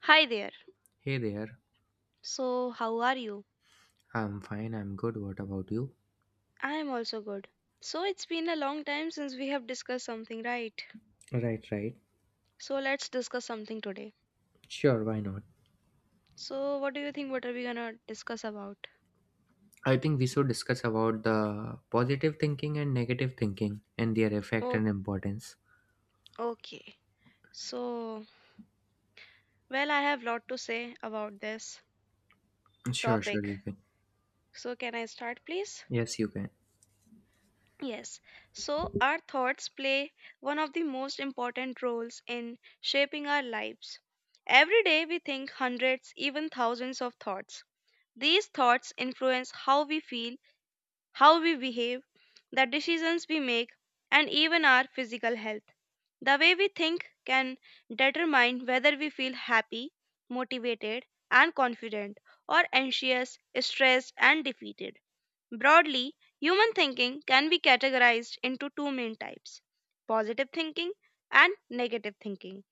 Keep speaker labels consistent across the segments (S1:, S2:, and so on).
S1: Hi there.
S2: Hey there.
S1: So, how are you?
S2: I'm fine. I'm good. What about you?
S1: I am also good. So, it's been a long time since we have discussed something, right?
S2: Right, right.
S1: So, let's discuss something today.
S2: Sure, why not?
S1: So, what do you think? What are we gonna discuss about?
S2: I think we should discuss about the positive thinking and negative thinking and their effect
S1: O-
S2: and importance.
S1: okay. So, well, I have lot to say about this
S2: Sure, sure, you
S1: topic.
S2: can.
S1: So, can I start, please?
S2: Yes, you can.
S1: Yes, so our thoughts play one of the most important roles in shaping our lives. Every day we think hundreds, even thousands of thoughts. These thoughts influence how we feel, how we behave, the decisions we make, and even our physical health. The way we think can determine whether we feel happy, motivated, and confident, or anxious, stressed, and defeated. Broadly, human thinking can be categorized into two main types: positive thinking and negative thinking.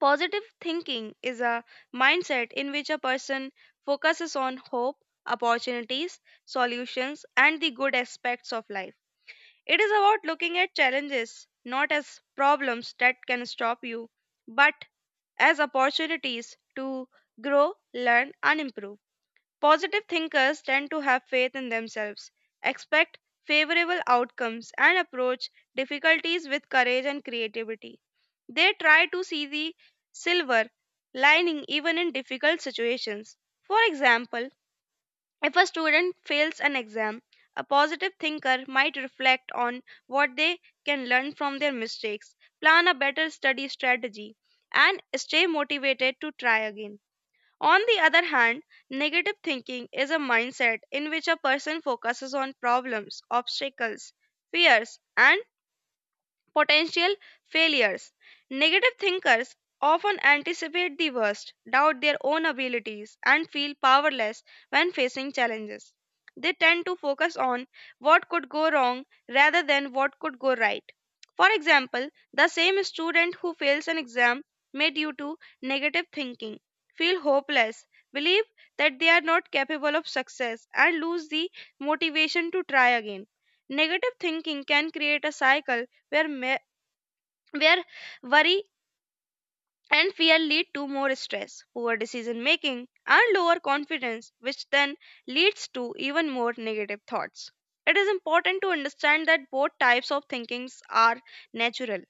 S1: Positive thinking is a mindset in which a person focuses on hope, opportunities, solutions, and the good aspects of life. It is about looking at challenges not as problems that can stop you, but as opportunities to grow, learn, and improve. Positive thinkers tend to have faith in themselves, expect favorable outcomes, and approach difficulties with courage and creativity. They try to see the silver lining even in difficult situations. For example, if a student fails an exam, a positive thinker might reflect on what they can learn from their mistakes, plan a better study strategy, and stay motivated to try again. On the other hand, negative thinking is a mindset in which a person focuses on problems, obstacles, fears, and potential failures. Negative thinkers often anticipate the worst, doubt their own abilities, and feel powerless when facing challenges. They tend to focus on what could go wrong rather than what could go right. For example, the same student who fails an exam may, due to negative thinking, feel hopeless, believe that they are not capable of success, and lose the motivation to try again. Negative thinking can create a cycle where, ma- where worry and fear lead to more stress, poor decision making, and lower confidence, which then leads to even more negative thoughts. It is important to understand that both types of thinkings are natural.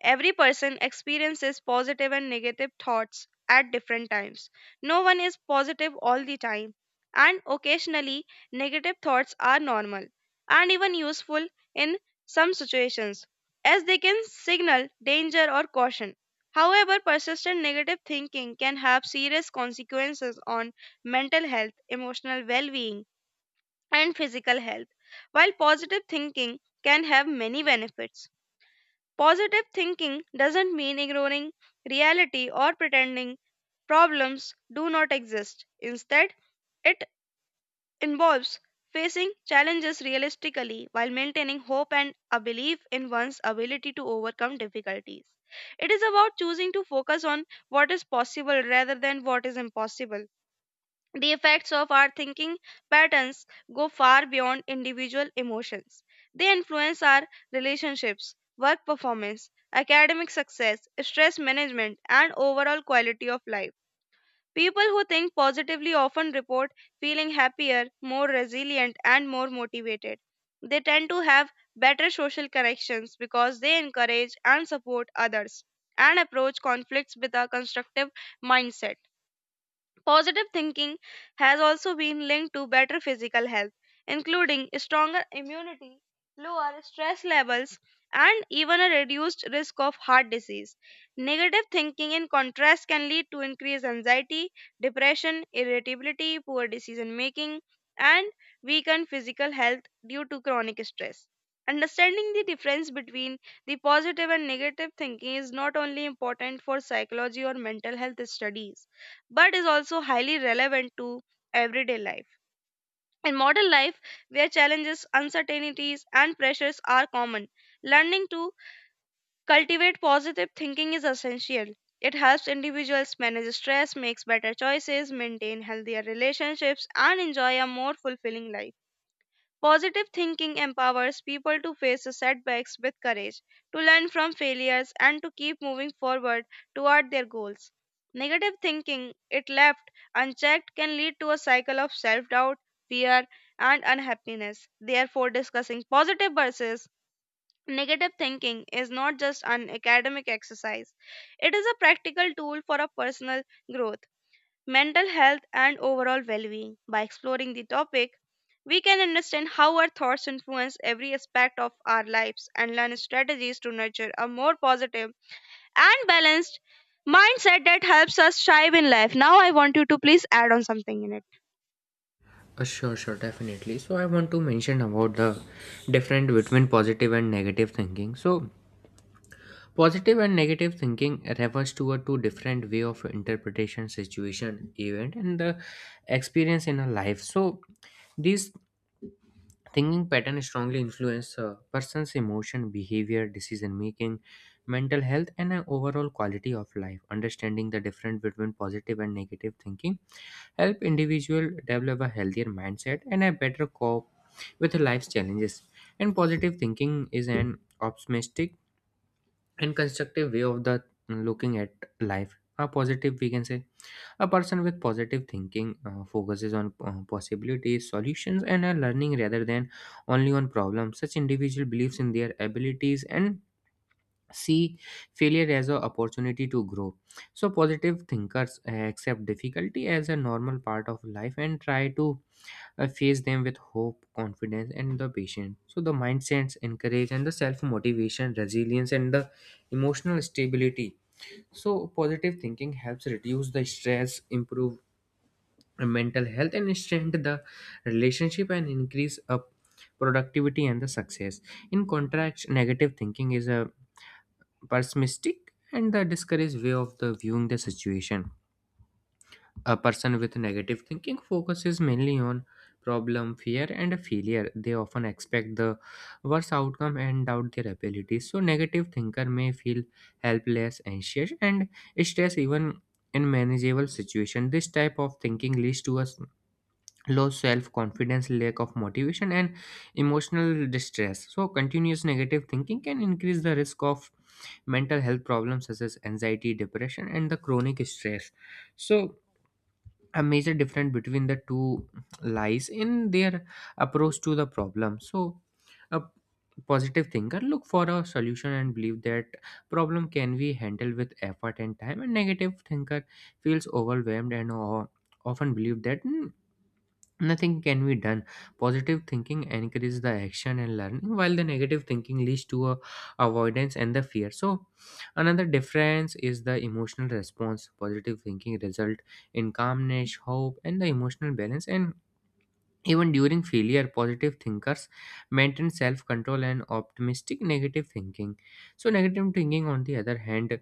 S1: Every person experiences positive and negative thoughts at different times. No one is positive all the time, and occasionally, negative thoughts are normal and even useful in some situations, as they can signal danger or caution. However, persistent negative thinking can have serious consequences on mental health, emotional well being, and physical health, while positive thinking can have many benefits. Positive thinking doesn't mean ignoring reality or pretending problems do not exist. Instead, it involves facing challenges realistically while maintaining hope and a belief in one's ability to overcome difficulties. It is about choosing to focus on what is possible rather than what is impossible. The effects of our thinking patterns go far beyond individual emotions. They influence our relationships, work performance, academic success, stress management, and overall quality of life. People who think positively often report feeling happier, more resilient, and more motivated. They tend to have better social connections because they encourage and support others and approach conflicts with a constructive mindset. Positive thinking has also been linked to better physical health, including stronger immunity, lower stress levels, and even a reduced risk of heart disease. Negative thinking, in contrast, can lead to increased anxiety, depression, irritability, poor decision making, and weakened physical health due to chronic stress. Understanding the difference between the positive and negative thinking is not only important for psychology or mental health studies, but is also highly relevant to everyday life. In modern life, where challenges, uncertainties, and pressures are common, learning to cultivate positive thinking is essential. It helps individuals manage stress, makes better choices, maintain healthier relationships, and enjoy a more fulfilling life. Positive thinking empowers people to face setbacks with courage, to learn from failures, and to keep moving forward toward their goals. Negative thinking, if left unchecked, can lead to a cycle of self doubt, fear, and unhappiness. Therefore, discussing positive versus negative thinking is not just an academic exercise, it is a practical tool for a personal growth, mental health, and overall well being. By exploring the topic, we can understand how our thoughts influence every aspect of our lives and learn strategies to nurture a more positive and balanced mindset that helps us thrive in life. Now, I want you to please add on something in it.
S2: Sure, sure, definitely. So I want to mention about the different between positive and negative thinking. So positive and negative thinking refers to a two different way of interpretation, situation, event, and the experience in a life. So these thinking pattern strongly influence a person's emotion, behavior, decision making, mental health, and an overall quality of life. Understanding the difference between positive and negative thinking help individual develop a healthier mindset and a better cope with life's challenges. And positive thinking is an optimistic and constructive way of the looking at life. A positive, we can say. A person with positive thinking focuses on possibilities, solutions, and learning rather than only on problems. Such individual believes in their abilities and see failure as an opportunity to grow. So, positive thinkers accept difficulty as a normal part of life and try to face them with hope, confidence, and the patience. So, the mindsets encourage and the self motivation, resilience, and the emotional stability. So, positive thinking helps reduce the stress, improve mental health and strengthen the relationship and increase up productivity and the success. In contrast, negative thinking is a pessimistic and the discouraged way of the viewing the situation. A person with negative thinking focuses mainly on problem, fear and failure. They often expect the worst outcome and doubt their abilities. So negative thinker may feel helpless, anxious and stress even in manageable situation. This type of thinking leads to us low self confidence, lack of motivation, and emotional distress. So, continuous negative thinking can increase the risk of mental health problems such as anxiety, depression, and the chronic stress. So, a major difference between the two lies in their approach to the problem. So, a positive thinker look for a solution and believe that problem can be handled with effort and time, and negative thinker feels overwhelmed and often believe that "Hmm, nothing can be done." Positive thinking encourages the action and learning, while the negative thinking leads to a avoidance and the fear. So another difference is the emotional response. Positive thinking result in calmness, hope and the emotional balance, and even during failure, positive thinkers maintain self control and optimistic. Negative thinking, so negative thinking, on the other hand,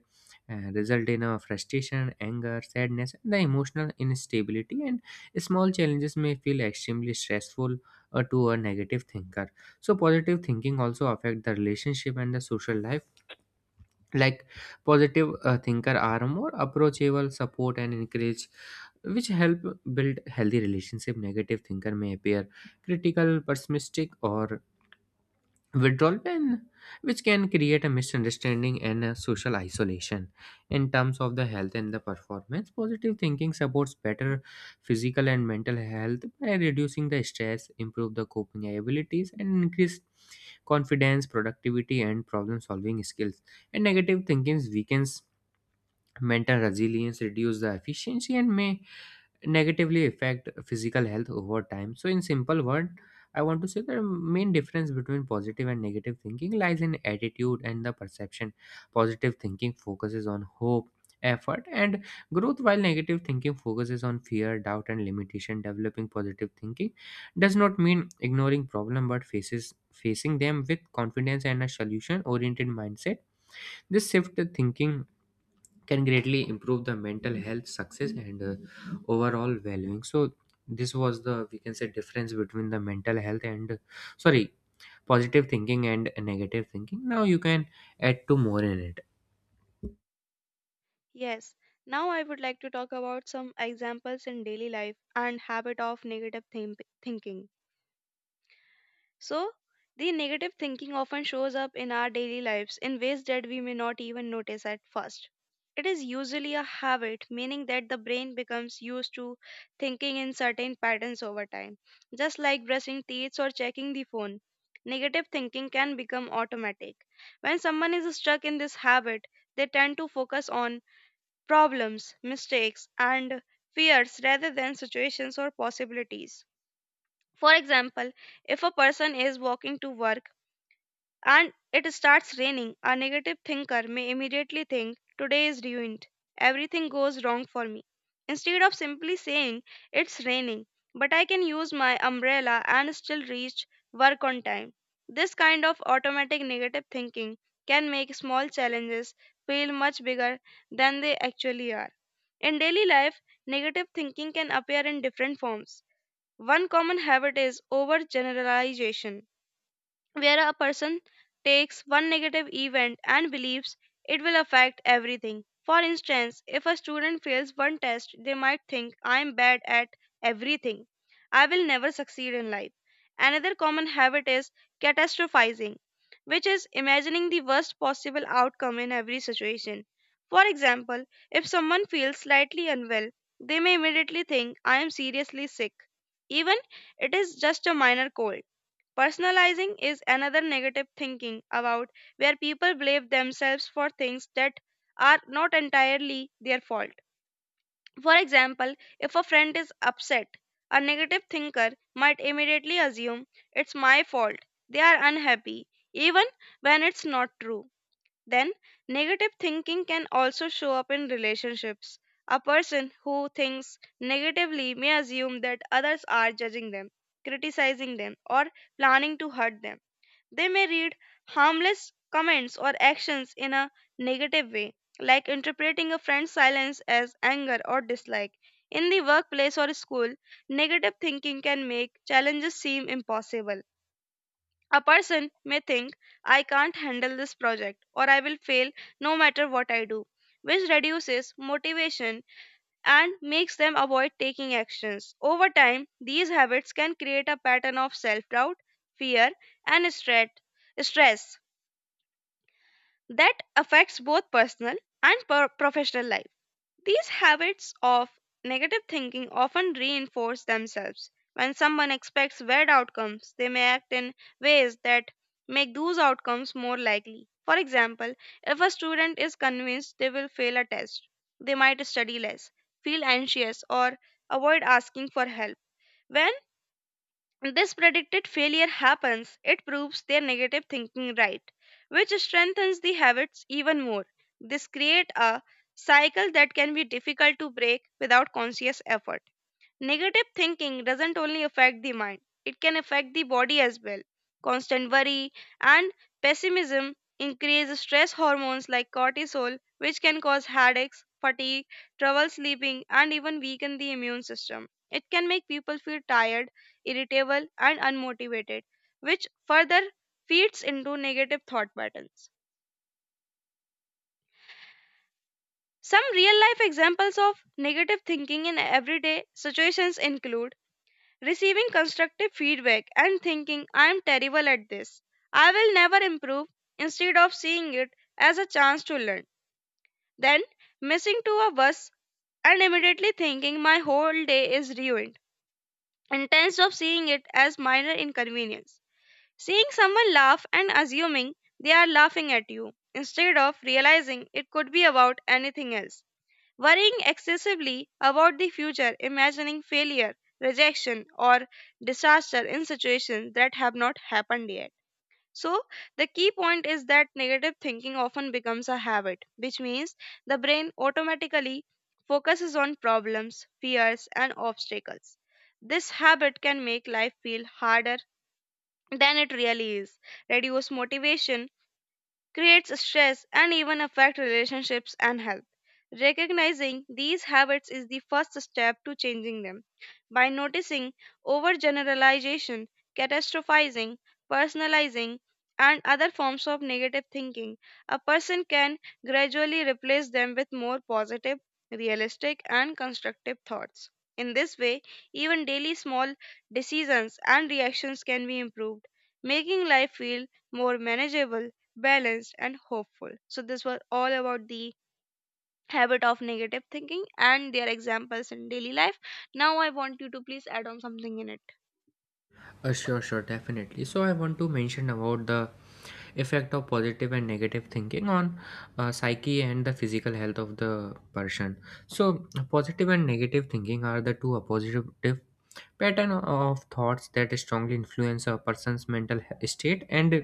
S2: result in a frustration, anger, sadness, and the emotional instability. And small challenges may feel extremely stressful to a negative thinker. So, positive thinking also affect the relationship and the social life. Like positive thinker are more approachable, support and encourage, which help build healthy relationship. Negative thinker may appear critical, pessimistic or withdrawal pen, which can create a misunderstanding and a social isolation. In terms of the health and the performance, positive thinking supports better physical and mental health by reducing the stress, improve the coping abilities and increase confidence, productivity and problem solving skills, and negative thinking weakens mental resilience, reduce the efficiency and may negatively affect physical health over time. So, in simple word, I want to say the main difference between positive and negative thinking lies in attitude and the perception. Positive thinking focuses on hope, effort, and growth, while negative thinking focuses on fear, doubt, and limitation. Developing positive thinking does not mean ignoring problem, but faces facing them with confidence and a solution-oriented mindset. This shift in thinking can greatly improve the mental health success and overall well-being. So this was the, we can say, difference between the mental health and, sorry, positive thinking and negative thinking. Now you can add two more in it.
S1: Yes. Now I would like to talk about some examples in daily life and habit of negative thinking. So, the negative thinking often shows up in our daily lives in ways that we may not even notice at first. It is usually a habit, meaning that the brain becomes used to thinking in certain patterns over time, just like brushing teeth or checking the phone. Negative thinking can become automatic. When someone is stuck in this habit, they tend to focus on problems, mistakes, and fears rather than situations or possibilities. For example, if a person is walking to work and it starts raining, a negative thinker may immediately think, "Today is ruined. Everything goes wrong for me." Instead of simply saying, "It's raining, but I can use my umbrella and still reach work on time." This kind of automatic negative thinking can make small challenges feel much bigger than they actually are. In daily life, negative thinking can appear in different forms. One common habit is overgeneralization, where a person takes one negative event and believes it will affect everything. For instance, if a student fails one test, they might think, "I am bad at everything. I will never succeed in life." Another common habit is catastrophizing, which is imagining the worst possible outcome in every situation. For example, if someone feels slightly unwell, they may immediately think, "I am seriously sick," even it is just a minor cold. Personalizing is another negative thinking about where people blame themselves for things that are not entirely their fault. For example, if a friend is upset, a negative thinker might immediately assume, "It's my fault, they are unhappy," even when it's not true. Then, negative thinking can also show up in relationships. A person who thinks negatively may assume that others are judging them, criticizing them, or planning to hurt them. They may read harmless comments or actions in a negative way, like interpreting a friend's silence as anger or dislike. In the workplace or school, negative thinking can make challenges seem impossible. A person may think, "I can't handle this project," or "I will fail no matter what I do," which reduces motivation and makes them avoid taking actions. Over time, these habits can create a pattern of self doubt, fear, and stress that affects both personal and professional life. These habits of negative thinking often reinforce themselves. When someone expects bad outcomes, they may act in ways that make those outcomes more likely. For example, if a student is convinced they will fail a test, they might study less, feel anxious, or avoid asking for help. When this predicted failure happens, it proves their negative thinking right, which strengthens the habits even more. This creates a cycle that can be difficult to break without conscious effort. Negative thinking doesn't only affect the mind, it can affect the body as well. Constant worry and pessimism increase stress hormones like cortisol, which can cause headaches, fatigue, trouble sleeping, and even weaken the immune system. It can make people feel tired, irritable, and unmotivated, which further feeds into negative thought patterns. Some real life examples of negative thinking in everyday situations include receiving constructive feedback and thinking, "I am terrible at this. I will never improve," instead of seeing it as a chance to learn. Then, missing to a bus and immediately thinking my whole day is ruined, instead of seeing it as minor inconvenience. Seeing someone laugh and assuming they are laughing at you, instead of realizing it could be about anything else. Worrying excessively about the future, imagining failure, rejection, or disaster in situations that have not happened yet. So, the key point is that negative thinking often becomes a habit, which means the brain automatically focuses on problems, fears, and obstacles. This habit can make life feel harder than it really is, reduce motivation, creates stress, and even affect relationships and health. Recognizing these habits is the first step to changing them. By noticing overgeneralization, catastrophizing, personalizing, and other forms of negative thinking, a person can gradually replace them with more positive, realistic, and constructive thoughts. In this way, even daily small decisions and reactions can be improved, making life feel more manageable, balanced, and hopeful. So, this was all about the habit of negative thinking and their examples in daily life. Now, I want you to please add on something in it.
S2: Sure, sure, definitely. So I want to mention about the effect of positive and negative thinking on psyche and the physical health of the person. So positive and negative thinking are the two opposite pattern of thoughts that strongly influence a person's state and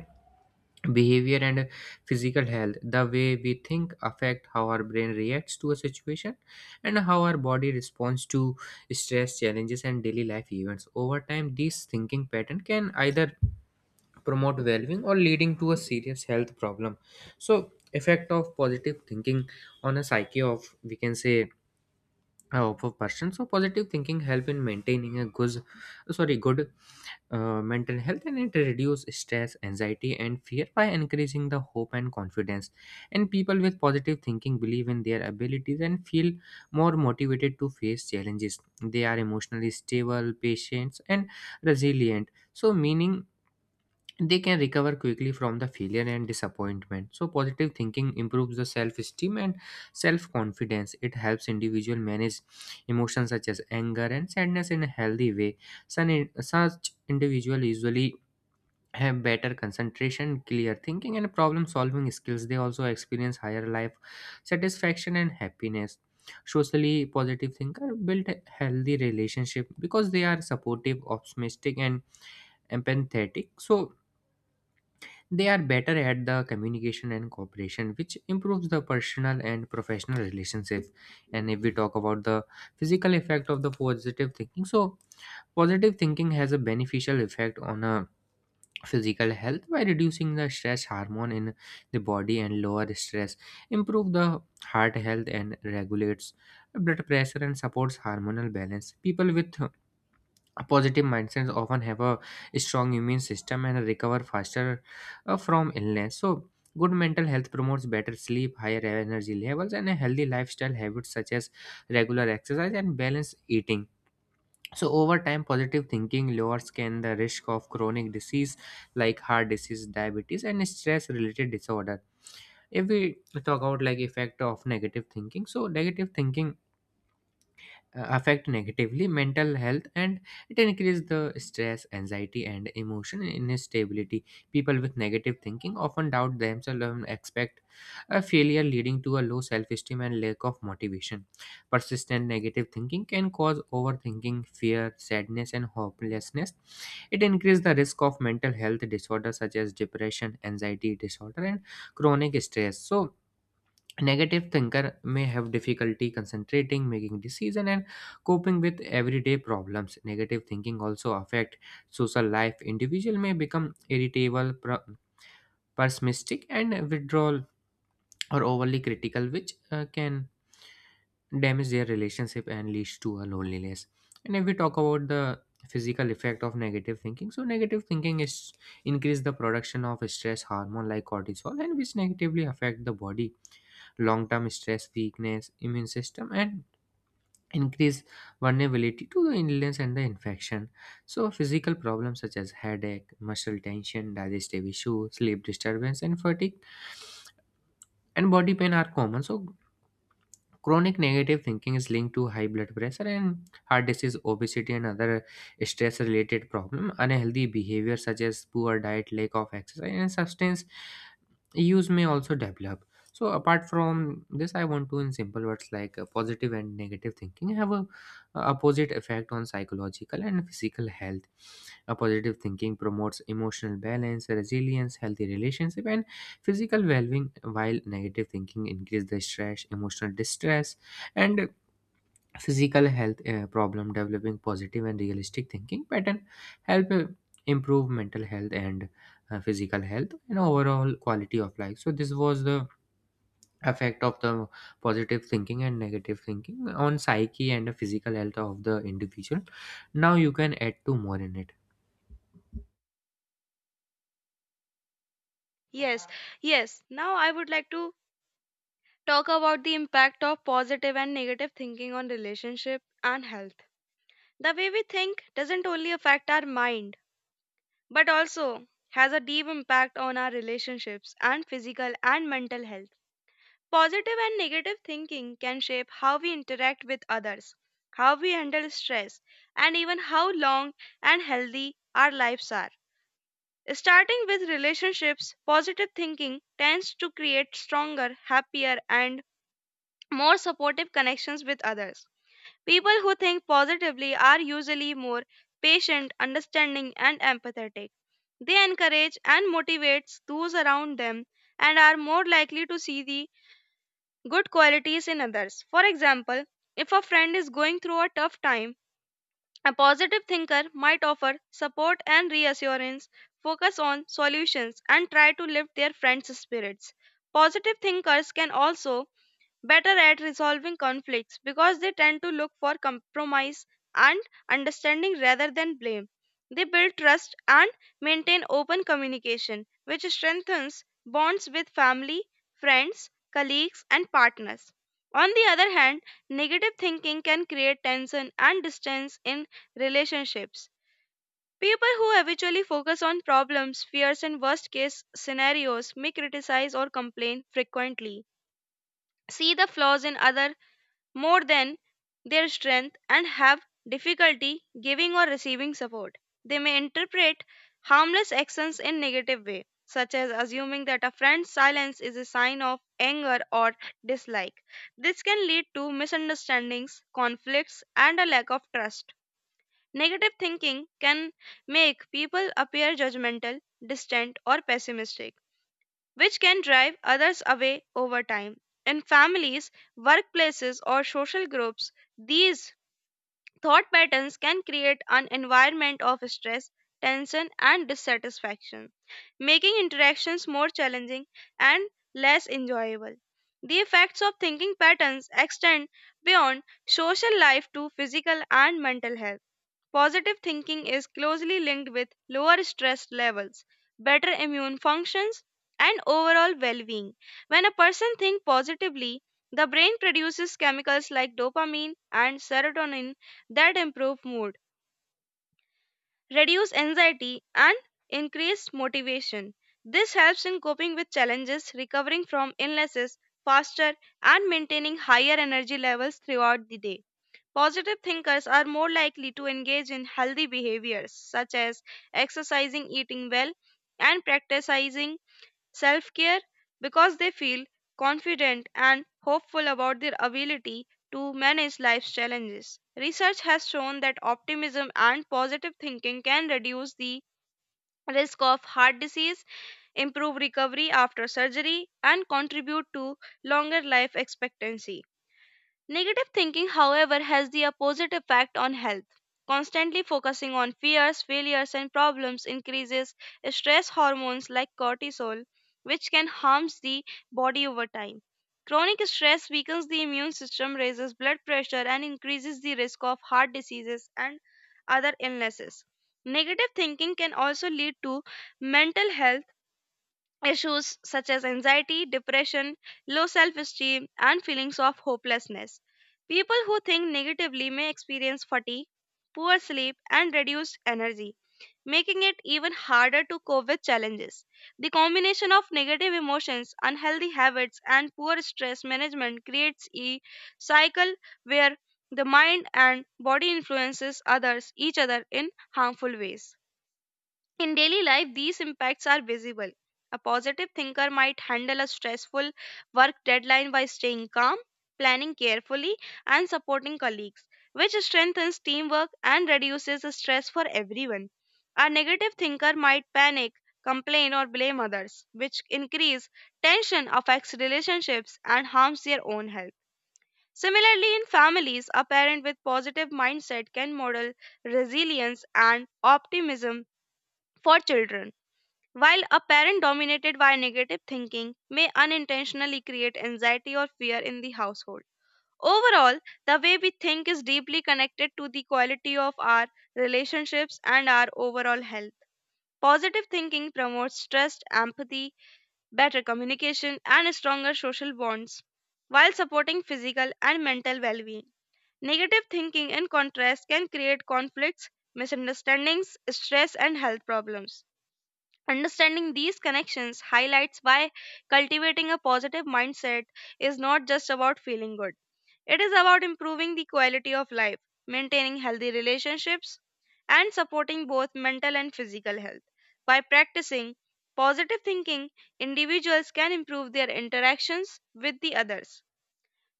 S2: behavior and physical health. The way we think affect how our brain reacts to a situation and how our body responds to stress, challenges and daily life events. Over time, these thinking pattern can either promote well-being or leading to a serious health problem. So effect of positive thinking on a psyche of, we can say, of a person. So positive thinking help in maintaining a good, sorry, good mental health, and it reduces stress, anxiety and fear by increasing the hope and confidence. And people with positive thinking believe in their abilities and feel more motivated to face challenges. They are emotionally stable, patient and resilient, so meaning they can recover quickly from the failure and disappointment. So positive thinking improves the self esteem and self confidence. It helps individual manage emotions such as anger and sadness in a healthy way. Such individual usually have better concentration, clear thinking and problem solving skills. They also experience higher life satisfaction and happiness. Socially, positive thinker build a healthy relationship because they are supportive, optimistic and empathetic. So they are better at the communication and cooperation, which improves the personal and professional relationships. And if we talk about the physical effect of the positive thinking, so positive thinking has a beneficial effect on a physical health by reducing the stress hormone in the body, and lower stress, improve the heart health and regulates blood pressure and supports hormonal balance. People with positive mindsets often have a strong immune system and recover faster from illness. So good mental health promotes better sleep, higher energy levels and a healthy lifestyle habits such as regular exercise and balanced eating. So over time, positive thinking lowers can the risk of chronic disease like heart disease, diabetes and stress related disorder. If we talk about like effect of negative thinking, so negative thinking affect negatively mental health, and it increases the stress, anxiety and emotion instability. People with negative thinking often doubt themselves and expect a failure, leading to a low self-esteem and lack of motivation. Persistent negative thinking can cause overthinking, fear, sadness and hopelessness. It increases the risk of mental health disorders such as depression, anxiety disorder and chronic stress. So negative thinker may have difficulty concentrating, making decision and coping with everyday problems. Negative thinking also affect social life. Individual may become irritable, pessimistic and withdrawal or overly critical, which can damage their relationship and leads to a loneliness. And if we talk about the physical effect of negative thinking, so negative thinking is increase the production of stress hormone like cortisol, and which negatively affect the body. Long-term stress, weakness, immune system, and increase vulnerability to the illness and the infection. So physical problems such as headache, muscle tension, digestive issues, sleep disturbance, and fatigue and body pain are common. So chronic negative thinking is linked to high blood pressure and heart disease, obesity, and other stress related problems. Unhealthy behavior, such as poor diet, lack of exercise, and substance use, may also develop. So, apart from this, I want to, in simple words, like positive and negative thinking have a opposite effect on psychological and physical health. A positive thinking promotes emotional balance, resilience, healthy relationship, and physical well-being, while negative thinking increase the stress, emotional distress, and physical health problem. Developing positive and realistic thinking pattern help improve mental health and physical health and overall quality of life. So this was the effect of the positive thinking and negative thinking on psyche and the physical health of the individual. Now you can add two more in it.
S1: Yes, yes. Now, I would like to talk about the impact of positive and negative thinking on relationship and health. The way we think doesn't only affect our mind, but also has a deep impact on our relationships and physical and mental health. Positive and negative thinking can shape how we interact with others, how we handle stress, and even how long and healthy our lives are. Starting with relationships, positive thinking tends to create stronger, happier, and more supportive connections with others. People who think positively are usually more patient, understanding, and empathetic. They encourage and motivate those around them and are more likely to see the good qualities in others. For example, if a friend is going through a tough time, a positive thinker might offer support and reassurance, focus on solutions, and try to lift their friends' spirits. Positive thinkers can also better at resolving conflicts because they tend to look for compromise and understanding rather than blame. They build trust and maintain open communication, which strengthens bonds with family, friends, colleagues, and partners. On the other hand, negative thinking can create tension and distance in relationships. People who habitually focus on problems, fears, and worst case scenarios may criticize or complain frequently, see the flaws in other more than their strength, and have difficulty giving or receiving support. They may interpret harmless actions in negative way, such as assuming that a friend's silence is a sign of anger or dislike. This can lead to misunderstandings, conflicts, and a lack of trust. Negative thinking can make people appear judgmental, distant, or pessimistic, which can drive others away over time. In families, workplaces, or social groups, these thought patterns can create an environment of stress, tension, and dissatisfaction, making interactions more challenging and less enjoyable. The effects of thinking patterns extend beyond social life to physical and mental health. Positive thinking is closely linked with lower stress levels, better immune functions, and overall well being. When a person thinks positively, the brain produces chemicals like dopamine and serotonin that improve mood, reduce anxiety, and increase motivation. This helps in coping with challenges, recovering from illnesses faster, and maintaining higher energy levels throughout the day. Positive thinkers are more likely to engage in healthy behaviors such as exercising, eating well, and practicing self care because they feel confident and hopeful about their ability to manage life's challenges. Research has shown that optimism and positive thinking can reduce the risk of heart disease, improve recovery after surgery, and contribute to longer life expectancy. Negative thinking, however, has the opposite effect on health. Constantly focusing on fears, failures, and problems increases stress hormones like cortisol, which can harm the body over time. Chronic stress weakens the immune system, raises blood pressure, and increases the risk of heart diseases and other illnesses. Negative thinking can also lead to mental health issues such as anxiety, depression, low self esteem, and feelings of hopelessness. People who think negatively may experience fatigue, poor sleep, and reduced energy, making it even harder to cope with challenges. The combination of negative emotions, unhealthy habits, and poor stress management creates a cycle where the mind and body influences others each other in harmful ways. In daily life, these impacts are visible. A positive thinker might handle a stressful work deadline by staying calm, planning carefully, and supporting colleagues, which strengthens teamwork and reduces the stress for everyone. A negative thinker might panic, complain, or blame others, which increase tension, affects relationships, and harms their own health. Similarly, in families, a parent with positive mindset can model resilience and optimism for children, while a parent dominated by negative thinking may unintentionally create anxiety or fear in the household. Overall, the way we think is deeply connected to the quality of our relationships and our overall health. Positive thinking promotes trust, empathy, better communication, and stronger social bonds while supporting physical and mental well being. Negative thinking, in contrast, can create conflicts, misunderstandings, stress, and health problems. Understanding these connections highlights why cultivating a positive mindset is not just about feeling good. It is about improving the quality of life, maintaining healthy relationships, and supporting both mental and physical health. By practicing positive thinking, individuals can improve their interactions with the others,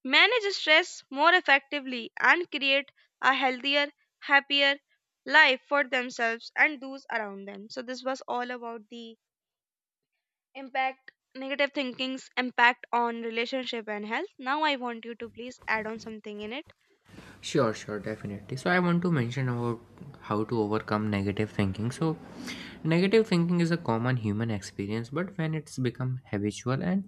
S1: manage stress more effectively, and create a healthier, happier life for themselves and those around them. So, this was all about the impact, negative thinking's impact on relationship and health. Now I want you to please add on something in it.
S2: Sure, sure, definitely. So I want to mention about how to overcome negative thinking. So negative thinking is a common human experience, but when it's become habitual and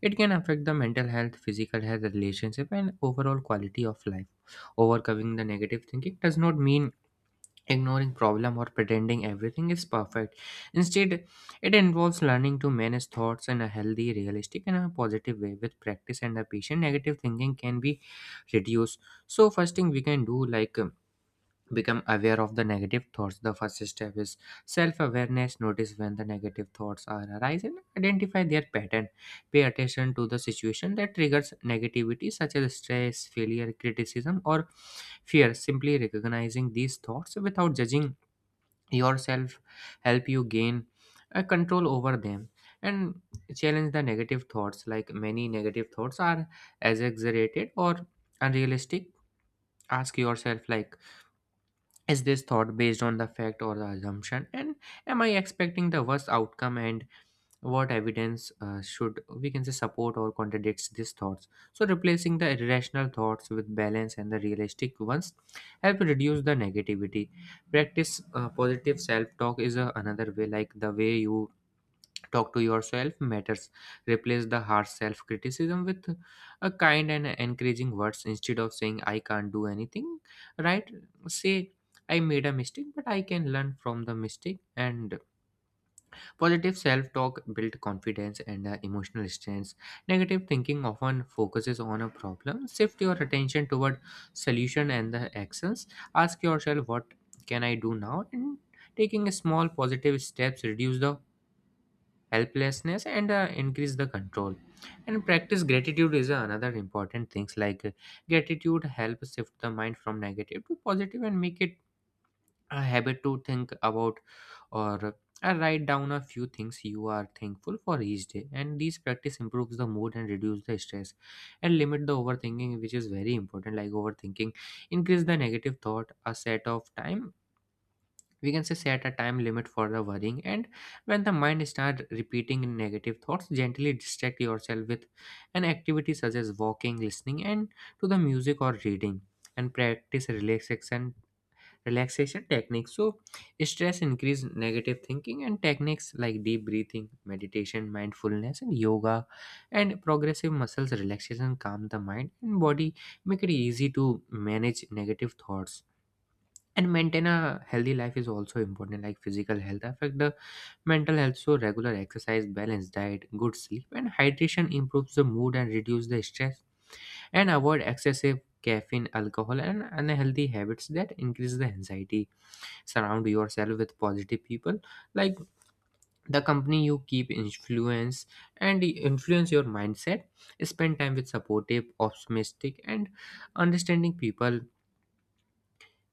S2: it can affect the mental health, physical health, relationship and overall quality of life. Overcoming the negative thinking does not mean ignoring problem or pretending everything is perfect. Instead, it involves learning to manage thoughts in a healthy, realistic, and a positive way. With practice and the patient, negative thinking can be reduced. So, first thing we can do, like become aware of the negative thoughts. The first step is self-awareness. Notice when the negative thoughts are arise and identify their pattern. Pay attention to the situation that triggers negativity, such as stress, failure, criticism, or fear. Simply recognizing these thoughts without judging yourself help you gain a control over them. And challenge the negative thoughts, like many negative thoughts are exaggerated or unrealistic. Ask yourself like, is this thought based on the fact or the assumption, and am I expecting the worst outcome, and what evidence should, we can say, support or contradicts these thoughts. So replacing the irrational thoughts with balance and the realistic ones help reduce the negativity. Practice positive self-talk is another way, like the way you talk to yourself matters. Replace the harsh self-criticism with a kind and encouraging words. Instead of saying "I can't do anything right," say "I made a mistake but I can learn from the mistake." And positive self talk builds confidence and emotional strength. Negative thinking often focuses on a problem. Shift your attention toward solution and the actions. Ask yourself, what can I do now? And taking small positive steps reduce the helplessness and increase the control. And practice gratitude is another important things, like gratitude helps shift the mind from negative to positive, and make it a habit to think about, or write down a few things you are thankful for each day, and these practice improves the mood and reduce the stress. And limit the overthinking, which is very important, like overthinking increase the negative thought. A set of time, we can say, set a time limit for the worrying, and when the mind start repeating negative thoughts, gently distract yourself with an activity such as walking, listening and to the music or reading. And practice relaxation techniques. So stress increase negative thinking, and techniques like deep breathing, meditation, mindfulness and yoga and progressive muscles relaxation calm the mind and body, make it easy to manage negative thoughts. And maintain a healthy life is also important, like physical health affect the mental health. So regular exercise, balanced diet, good sleep and hydration improves the mood and reduce the stress, and avoid excessive caffeine, alcohol, and unhealthy habits that increase the anxiety. Surround yourself with positive people, like the company you keep influence and influence your mindset. Spend time with supportive, optimistic, and understanding people.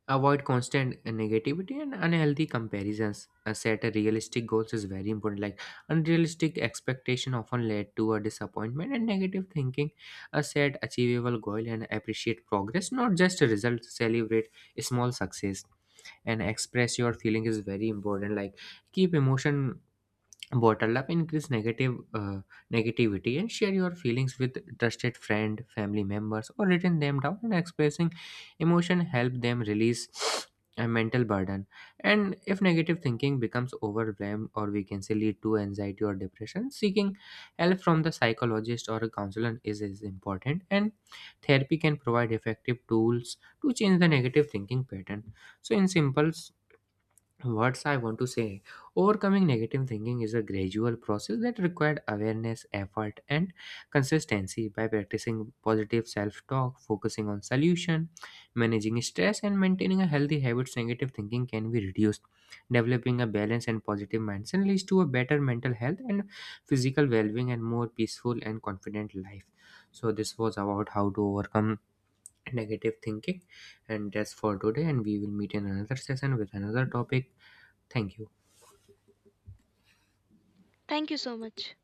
S2: Avoid constant negativity and unhealthy comparisons. Set a realistic goals is very important. Like unrealistic expectation often led to a disappointment and negative thinking. Set achievable goal and appreciate progress, not just a result. Celebrate small success, and express your feeling is very important. Like keep emotion bottle up increase negative negativity, and share your feelings with trusted friend, family members or written them down, and expressing emotion help them release a mental burden. And if negative thinking becomes overwhelmed, or we can say lead to anxiety or depression, seeking help from the psychologist or a counselor is important, and therapy can provide effective tools to change the negative thinking pattern. So in simple, what's I want to say? Overcoming negative thinking is a gradual process that required awareness, effort, and consistency. By practicing positive self-talk, focusing on solution, managing stress, and maintaining a healthy habits, negative thinking can be reduced. Developing a balanced and positive mindset leads to a better mental health and physical well-being and more peaceful and confident life. So this was about how to overcome negative thinking, and that's for today, and we will meet in another session with another topic. Thank you.
S1: Thank you so much.